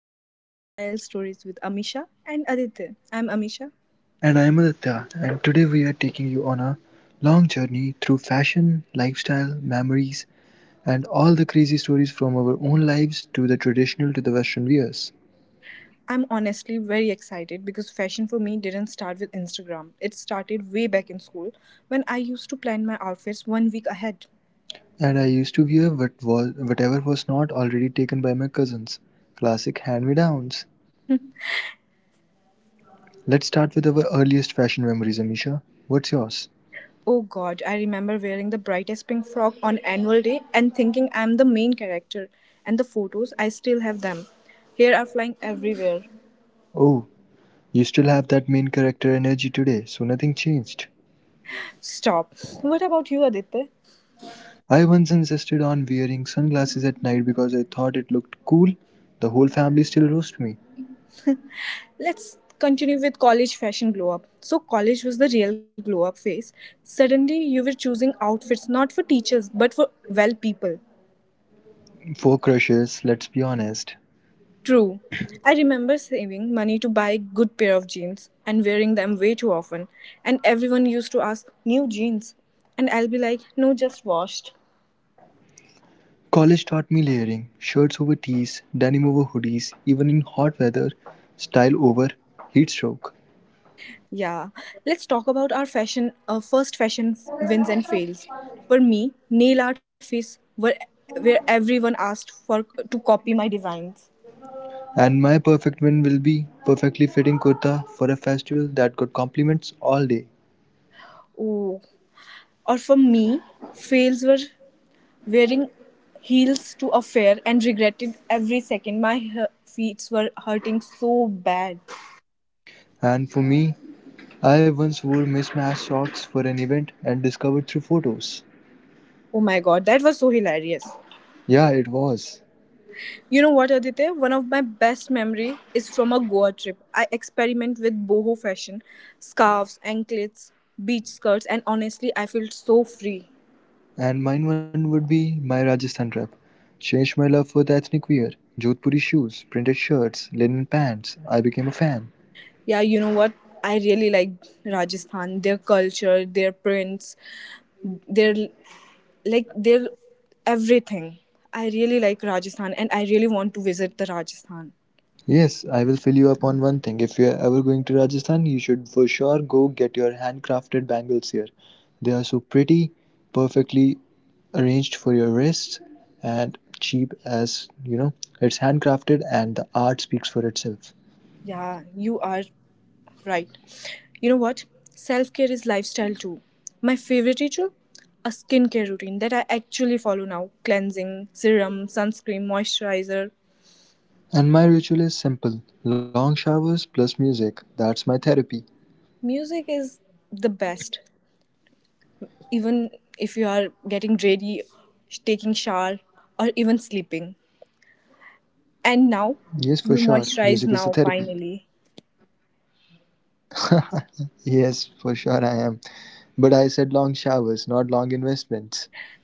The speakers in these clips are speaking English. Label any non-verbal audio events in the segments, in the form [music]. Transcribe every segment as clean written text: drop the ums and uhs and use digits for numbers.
episode of Style Stories with Amisha and Aditya. I'm Amisha. And I am Aditya, and today we are taking you on a long journey through fashion, lifestyle, memories, and all the crazy stories from our own lives to the traditional to the Western wears. I'm honestly very excited because fashion for me didn't start with Instagram. It started way back in school when I used to plan my outfits 1 week ahead. And I used to wear whatever was not already taken by my cousins. Classic hand me downs. Let's start with our earliest fashion memories, Amisha. What's yours? Oh god, I remember wearing the brightest pink frock on annual day and thinking I'm the main character, and the photos, I still have them. Here are flying everywhere. Oh, you still have that main character energy today, so nothing changed. Stop. What about you, Aditya? I once insisted on wearing sunglasses at night because I thought it looked cool. The whole family still roast me. Let's continue with college fashion glow up. So, college was the real glow up phase. Suddenly, you were choosing outfits not for teachers but for well people. Four crushes, let's be honest. True. I remember saving money to buy a good pair of jeans and wearing them way too often. And everyone used to ask, new jeans? And I'll be like, no, just washed. College taught me layering shirts over tees, denim over hoodies, even in hot weather, style over heatstroke. Yeah, let's talk about our fashion, first fashion wins and fails. For me, nail art phase were, where everyone asked for to copy my designs. And my perfect win will be perfectly fitting kurta for a festival that got compliments all day. Oh. Or for me, fails were wearing heels to a fair and regretted every second. My feet were hurting so bad. And for me, I once wore mismatched socks for an event and discovered through photos. Oh my god, that was so hilarious. Yeah, it was. You know what, Aditya? One of my best memory is from a Goa trip. I experiment with boho fashion, scarves, anklets, beach skirts, and honestly, I felt so free. And mine one would be my Rajasthan trip. Changed my love for the ethnic wear, Jodhpuri shoes, printed shirts, linen pants. I became a fan. Yeah, you know what? I really like Rajasthan, their culture, their prints, their like their everything. I really like Rajasthan and I really want to visit the Rajasthan. Yes, I will fill you up on one thing. If you are ever going to Rajasthan, you should for sure go get your handcrafted bangles here. They are so pretty, perfectly arranged for your wrists, and cheap as you know. It's handcrafted and the art speaks for itself. Yeah, you are right. You know what? Self care is lifestyle too. My favorite ritual? A skincare routine that I actually follow now, cleansing, serum, sunscreen, moisturizer. And my ritual is simple long showers plus music. That's my therapy. Music is the best, even if you are getting ready, taking shower, or even sleeping. Yes, for And sure. now Music is a you therapy. moisturize now finally. [laughs] Yes, for sure I am. But I said long showers, not long investments.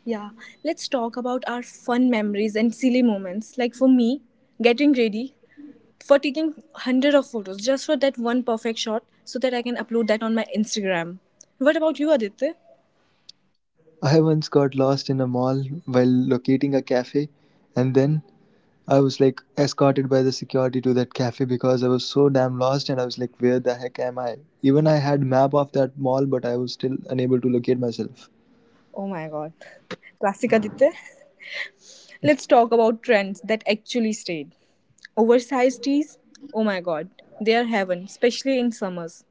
Yeah, let's talk about our fun memories and silly moments. Like for me, getting ready for taking hundred of photos just for that one perfect shot so that I can upload that on my Instagram. What about you, Aditya? I once got lost in a mall while locating a cafe, and then I was like escorted by the security to that cafe because I was so damn lost and I was like, where the heck am I? Even I had map of that mall, but I was still unable to locate myself. Oh my god. Classic Aditya. Let's talk about trends that actually stayed. Oversized tees, oh my god, they are heaven, especially in summers.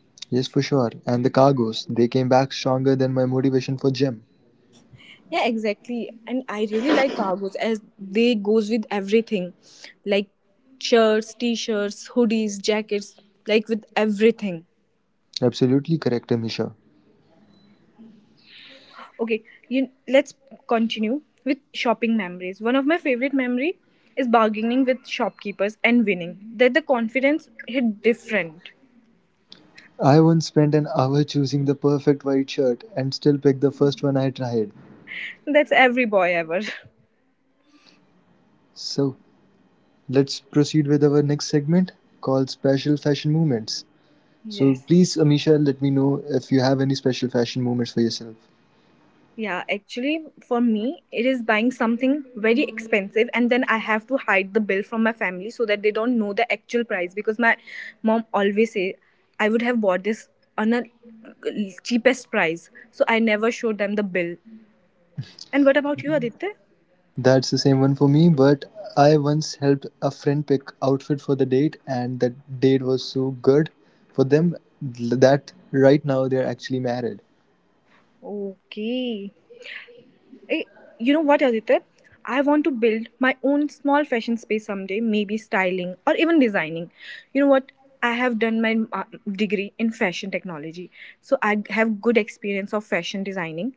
Yes, for sure. And the cargoes, they came back stronger than my motivation for gym. Yeah, exactly. And I really like cargos as they goes with everything, like shirts, t-shirts, hoodies, jackets, like with everything. Absolutely correct, Amisha. Okay, you let's continue with shopping memories. One of my favorite memory is bargaining with shopkeepers and winning. That the confidence hit different. I once spent an hour choosing the perfect white shirt and still picked the first one I tried. That's every boy ever. [laughs] So, let's proceed with our next segment called Special Fashion Moments. So, Yes. please, Amisha, let me know if you have any special fashion moments for yourself. Yeah, actually, for me, it is buying something very expensive, and then I have to hide the bill from my family so that they don't know the actual price. Because my mom always say, "I would have bought this on a cheapest price," so I never showed them the bill. And what about you, Aditya? That's the same one for me, but I once helped a friend pick outfit for the date and that date was so good for them that right now they're actually married. Okay. Eh, you know what, Aditya? I want to build my own small fashion space someday, maybe styling or even designing. You know what? I have done my degree in fashion technology, so I have good experience of fashion designing,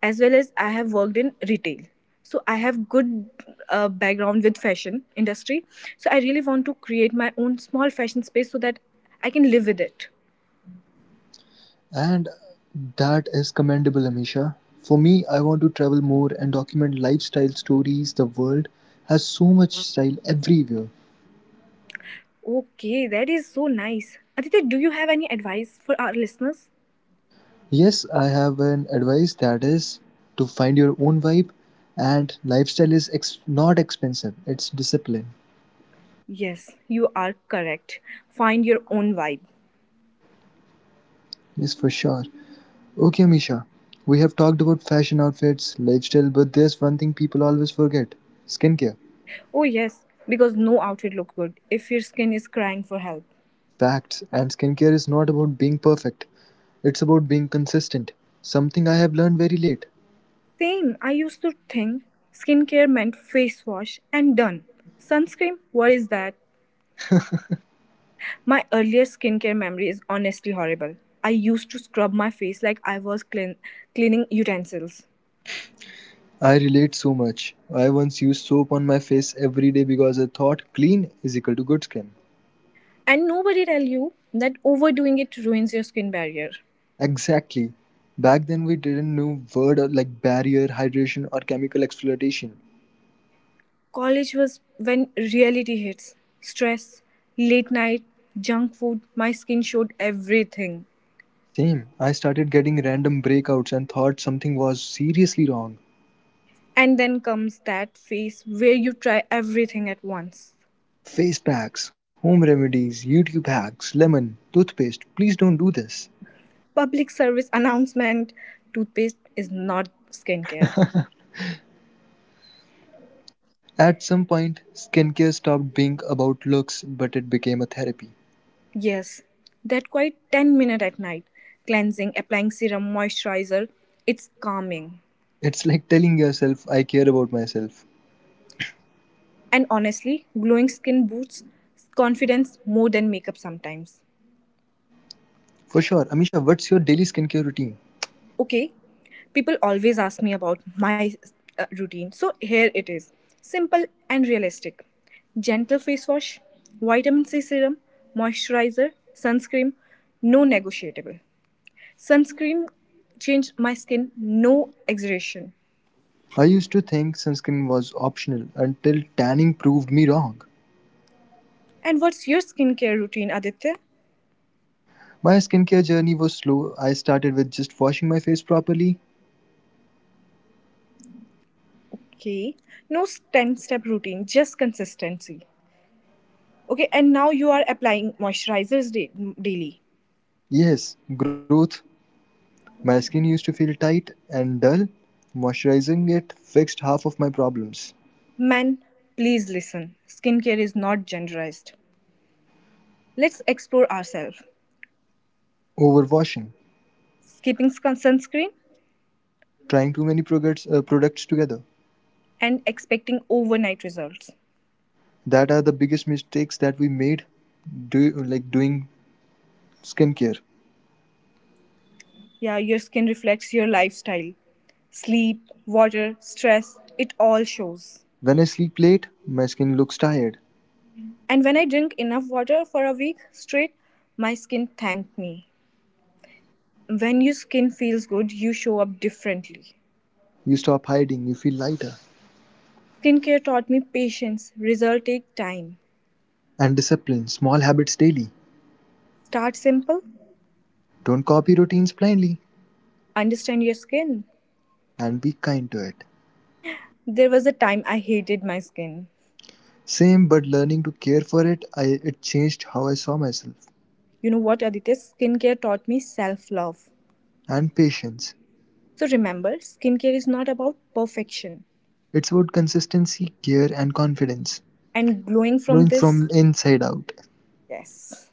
as well as I have worked in retail. So I have good background with fashion industry. So I really want to create my own small fashion space so that I can live with it. And that is commendable, Amisha. For me, I want to travel more and document lifestyle stories. The world has so much style everywhere. Okay, that is so nice. Aditya, do you have any advice for our listeners? Yes, I have an advice that is to find your own vibe, and lifestyle is not expensive, it's discipline. Yes, you are correct. Find your own vibe. Yes, for sure. Okay, Amisha, we have talked about fashion outfits, lifestyle, but there's one thing people always forget skincare. Oh, yes, because no outfit look good if your skin is crying for help. Facts, and skincare is not about being perfect, it's about being consistent, something I have learned very late. Same, I used to think skincare meant face wash and done. Sunscreen, what is that? My earlier skincare memory is honestly horrible. I used to scrub my face like I was clean, cleaning utensils. I relate so much. I once used soap on my face every day because I thought clean is equal to good skin. And nobody tell you that overdoing it ruins your skin barrier. Exactly. Back then we didn't know word like barrier, hydration or chemical exploitation. College was when reality hits. Stress, late night, junk food, my skin showed everything. Same. I started getting random breakouts and thought something was seriously wrong. And then comes that phase where you try everything at once. Face packs, home remedies, YouTube hacks, lemon, toothpaste. Please don't do this. Public service announcement, toothpaste is not skincare. At some point, skincare stopped being about looks but it became a therapy. Yes, that quite 10 minute at night. Cleansing, applying serum, moisturizer, it's calming. It's like telling yourself, I care about myself. And honestly, glowing skin boosts confidence more than makeup sometimes. For sure, Amisha, what's your daily skincare routine? Okay, people always ask me about my routine, so here it is, simple and realistic. Gentle face wash, vitamin c serum, moisturizer, sunscreen. No negotiable. Sunscreen changed my skin, no exaggeration. I used to think sunscreen was optional until tanning proved me wrong. And what's your skincare routine, Aditya? My skincare journey was slow. I started with just washing my face properly. Okay, no 10 step routine, just consistency. Okay, and now you are applying moisturizers daily. Yes, growth. My skin used to feel tight and dull. Moisturizing it fixed half of my problems. Men, please listen, skincare is not genderized. Let's explore ourselves. Overwashing. Skipping sunscreen Trying too many products together. and expecting overnight results. That are the biggest mistakes that we made do, like doing skincare. Yeah, your skin reflects your lifestyle. Sleep, water, stress, it all shows. When I sleep late, my skin looks tired. And when I drink enough water for a week straight, my skin thanked me. When your skin feels good, you show up differently. You stop hiding, you feel lighter. Skincare taught me patience. Results take time. And discipline, small habits daily. Start simple, Don't copy routines blindly understand your skin. and be kind to it. There was a time I hated my skin. Same but learning to care for it, it changed how I saw myself. You know what, Aditya? Skincare taught me self love. And patience. So remember, skincare is not about perfection. It's about consistency, care, and confidence. And glowing from Growing from this, inside out. yes.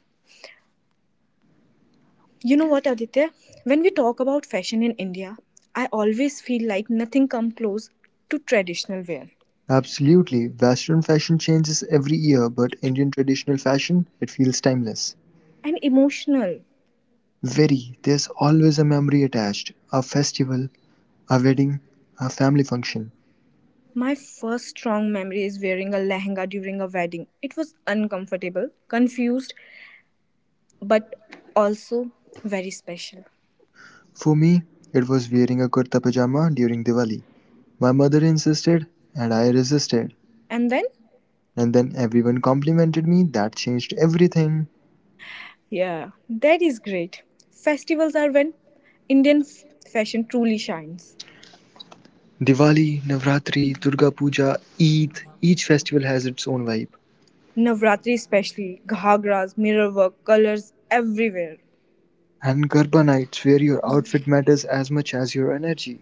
You know what, Aditya? When we talk about fashion in India, I always feel like nothing comes close to traditional wear. Absolutely. Western fashion changes every year, but Indian traditional fashion, it feels timeless. And emotional. Very. There's always a memory attached. A festival, a wedding, a family function. My first strong memory is wearing a lehenga during a wedding. It was uncomfortable, confused, but also very special. For me, it was wearing a kurta pajama during Diwali. My mother insisted, and I resisted. And then, And then everyone complimented me, that changed everything. yeah, that is great. Festivals are when Indian fashion truly shines. Diwali, Navratri, Durga Puja, Eid, each festival has its own vibe. Navratri especially, ghagras, mirror work, colors everywhere. And Garba nights, where your outfit matters as much as your energy.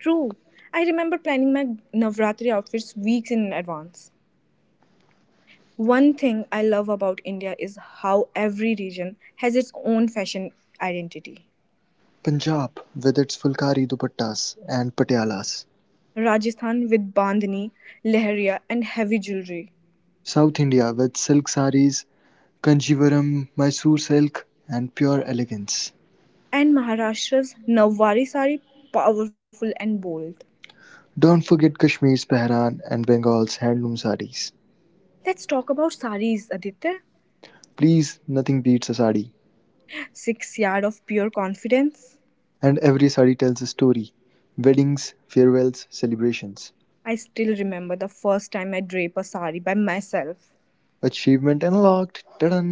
True. I remember planning my Navratri outfits weeks in advance. One thing I love about India is how every region has its own fashion identity. Punjab, with its Fulkari dupattas and patialas. Rajasthan with bandhani, leharia and heavy jewelry, South India, with silk saris, Kanjivaram, Mysore silk, and pure elegance. and Maharashtra's Nawari sari, powerful and bold. Don't forget Kashmir's Pehran and Bengal's handloom sarees. Let's talk about saris, Aditya. Please, nothing beats a sari. 6 yard of pure confidence. And every sari tells a story. Weddings, farewells, celebrations. I still remember the first time I drape a sari by myself. Achievement unlocked, ta da.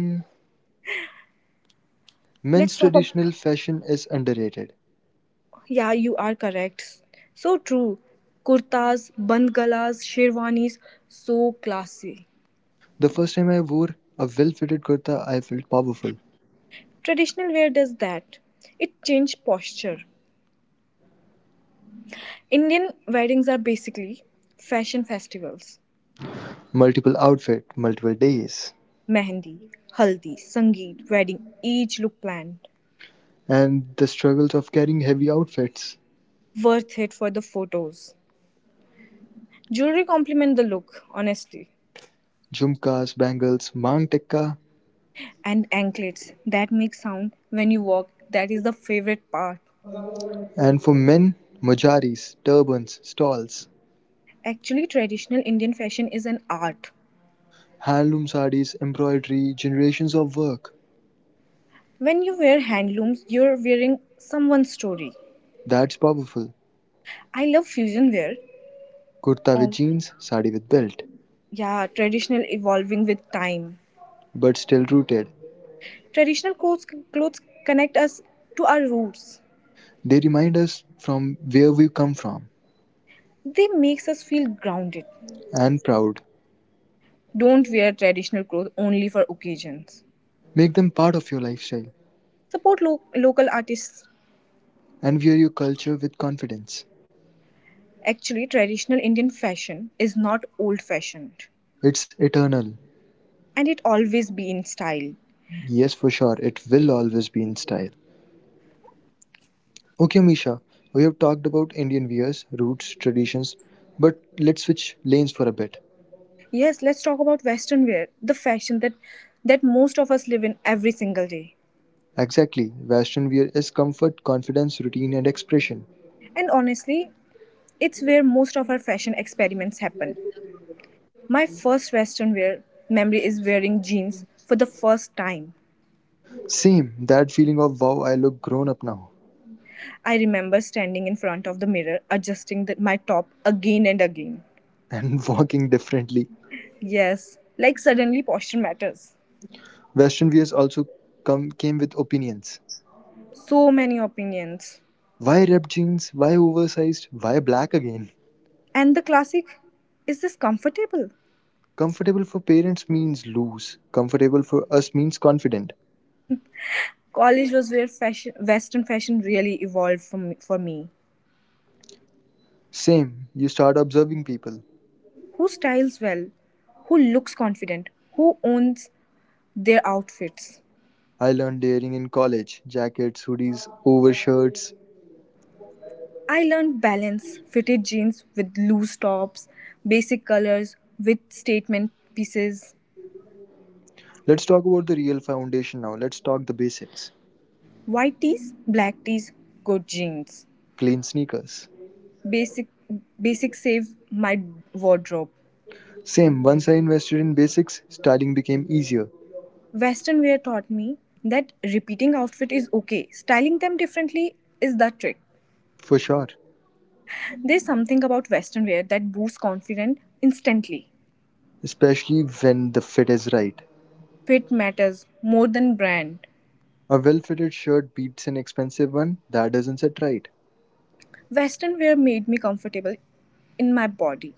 Men's Let's talk traditional about. fashion is underrated. Yeah, you are correct. So true. Kurtas, bandgalas, sherwanis, so classy. The first time I wore a well-fitted kurta, I felt powerful. Traditional wear does that. It changes posture. Indian weddings are basically fashion festivals. Multiple outfit, multiple days. Mehendi, haldi, sangeet, wedding, each look planned. And the struggles of carrying heavy outfits. Worth it for the photos. Jewelry complement the look, honestly. Jhumkas, bangles, mang tikka. And anklets that make sound when you walk, that is the favorite part. And for men, mujaris, turbans, stalls. Actually, traditional Indian fashion is an art. Handloom sarees, embroidery, generations of work. When you wear handlooms, you're wearing someone's story. That's powerful. I love fusion wear. Kurta with Oh. jeans, sari with belt, Yeah, traditional evolving with time. but still rooted. Traditional clothes connect us to our roots. They remind us from where we come from They makes us feel grounded. and proud. Don't wear traditional clothes only for occasions, Make them part of your lifestyle support local artists. and wear your culture with confidence. Actually, traditional Indian fashion is not old fashioned, It's eternal. and it always be in style. Yes, for sure, it will always be in style. Okay, Misha, we have talked about Indian wears, roots, traditions, but let's switch lanes for a bit. Yes, let's talk about western wear, the fashion that most of us live in every single day. Exactly, Western wear is comfort, confidence, routine, and expression. And honestly, it's where most of our fashion experiments happen. My first western wear memory is wearing jeans for the first time. Same, that feeling of wow, I look grown up now I remember standing in front of the mirror adjusting my top again and again. and [laughs] walking differently. Yes, like suddenly posture matters. Western wears also come came with opinions. So many opinions. Why ripped jeans? Why oversized? Why black again? And the classic is this comfortable? Comfortable for parents means loose. Comfortable for us means confident. College was where fashion, Western fashion really evolved from, for me. Same, you start observing people. Who styles well? Who looks confident? Who owns their outfits? I learned layering in college jackets, hoodies, overshirts. I learned balance, fitted jeans with loose tops, basic colors with statement pieces, Let's talk about the real foundation now. Let's talk the basics. white tees, black tees, good jeans. Clean sneakers. Basic Basic save my wardrobe. Same, once I invested in basics, styling became easier. Western wear taught me that repeating outfit is okay. Styling them differently is the trick. For sure, There's something about Western wear that boosts confidence instantly. especially when the fit is right. Fit matters more than brand. A well fitted shirt beats an expensive one that doesn't sit right. Western wear made me comfortable in my body.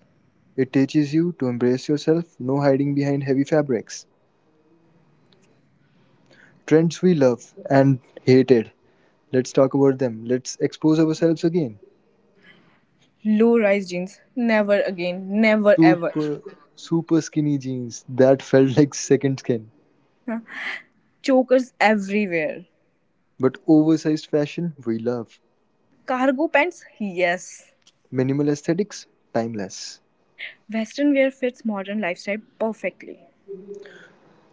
It teaches you to embrace yourself, no hiding behind heavy fabrics. Trends we love and hated. Let's talk about them. Let's expose ourselves again. Low rise jeans, never again, never ever. Super, super skinny jeans that [laughs] felt like second skin. Huh? Chokers everywhere. But oversized fashion we love. Cargo pants, yes. Minimal aesthetics, timeless. Western wear fits modern lifestyle perfectly.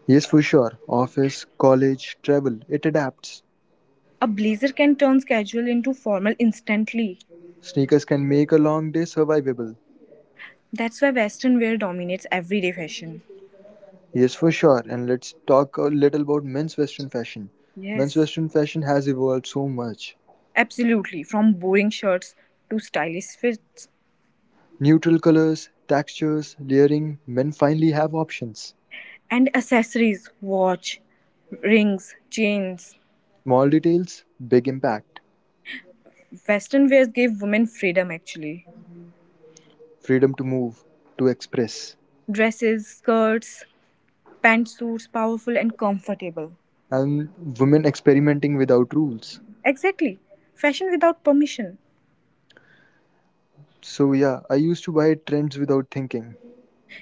Yes, for sure. Office, college, travel, it adapts. A blazer can turn casual into formal instantly. Sneakers can make a long day survivable. That's why Western wear dominates everyday fashion. Yes, for sure. And let's talk a little about men's Western fashion. Men's Yes. Western fashion has evolved so much. Absolutely, from boring shirts to stylish fits Neutral colors, textures, layering, men finally have options. and accessories, watch, rings, chains. Small details, big impact. Western wears gave women freedom actually. Freedom to move, to express. Dresses, skirts, pantsuits, powerful and comfortable. And women experimenting without rules. Exactly. Fashion without permission. So, yeah, I used to buy trends without thinking.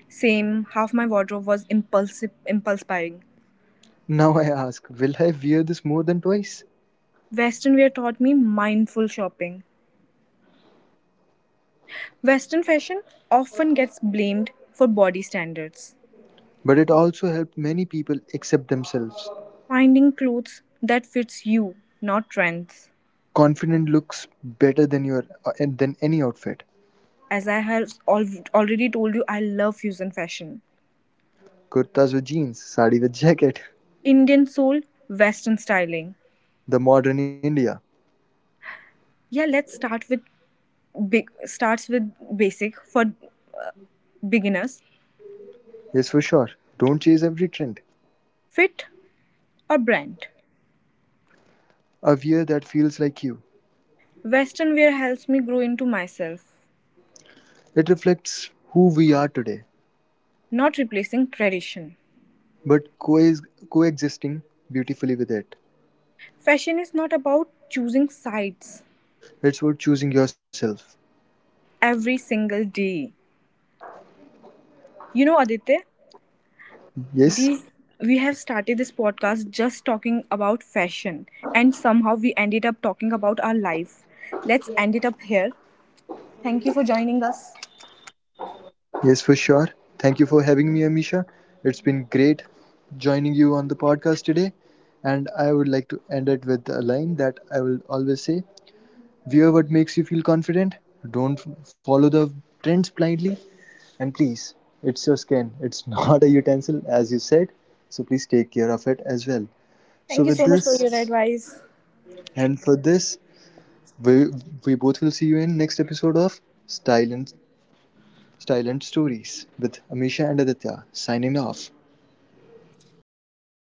Same, half my wardrobe was impulsive impulse buying. Now I ask, will I wear this more than twice? Western wear taught me mindful shopping. Western fashion often gets blamed for body standards. But it also helped many people accept themselves. Finding clothes that fits you, not trends. Confident looks better than your than any outfit. As I have already told you, I love fusion fashion. Kurtas with jeans, sari with jacket. Indian soul, Western styling. The modern India. Yeah, let's start with big. Starts with basic for beginners. Yes, for sure. Don't chase every trend. Fit or brand. A wear that feels like you. Western wear helps me grow into myself, It reflects who we are today, not replacing tradition. but coexisting beautifully with it. Fashion is not about choosing sides It's worth choosing yourself. every single day. You know, Aditya, Yes, these we have started this podcast just talking about fashion, and somehow we ended up talking about our life. Let's end it up here. Thank you for joining us. yes, for sure. Thank you for having me, Amisha. It's been great joining you on the podcast today. And I would like to end it with a line that I will always say: Wear what makes you feel confident. Don't follow the trends blindly. And please, it's your skin, it's [laughs] not a utensil, as you said. So please take care of it as well. So, Thank you with so much for this, your advice. and for this, we, we both will see you in next episode of Style and, Style and Stories with Amisha and Aditya signing off.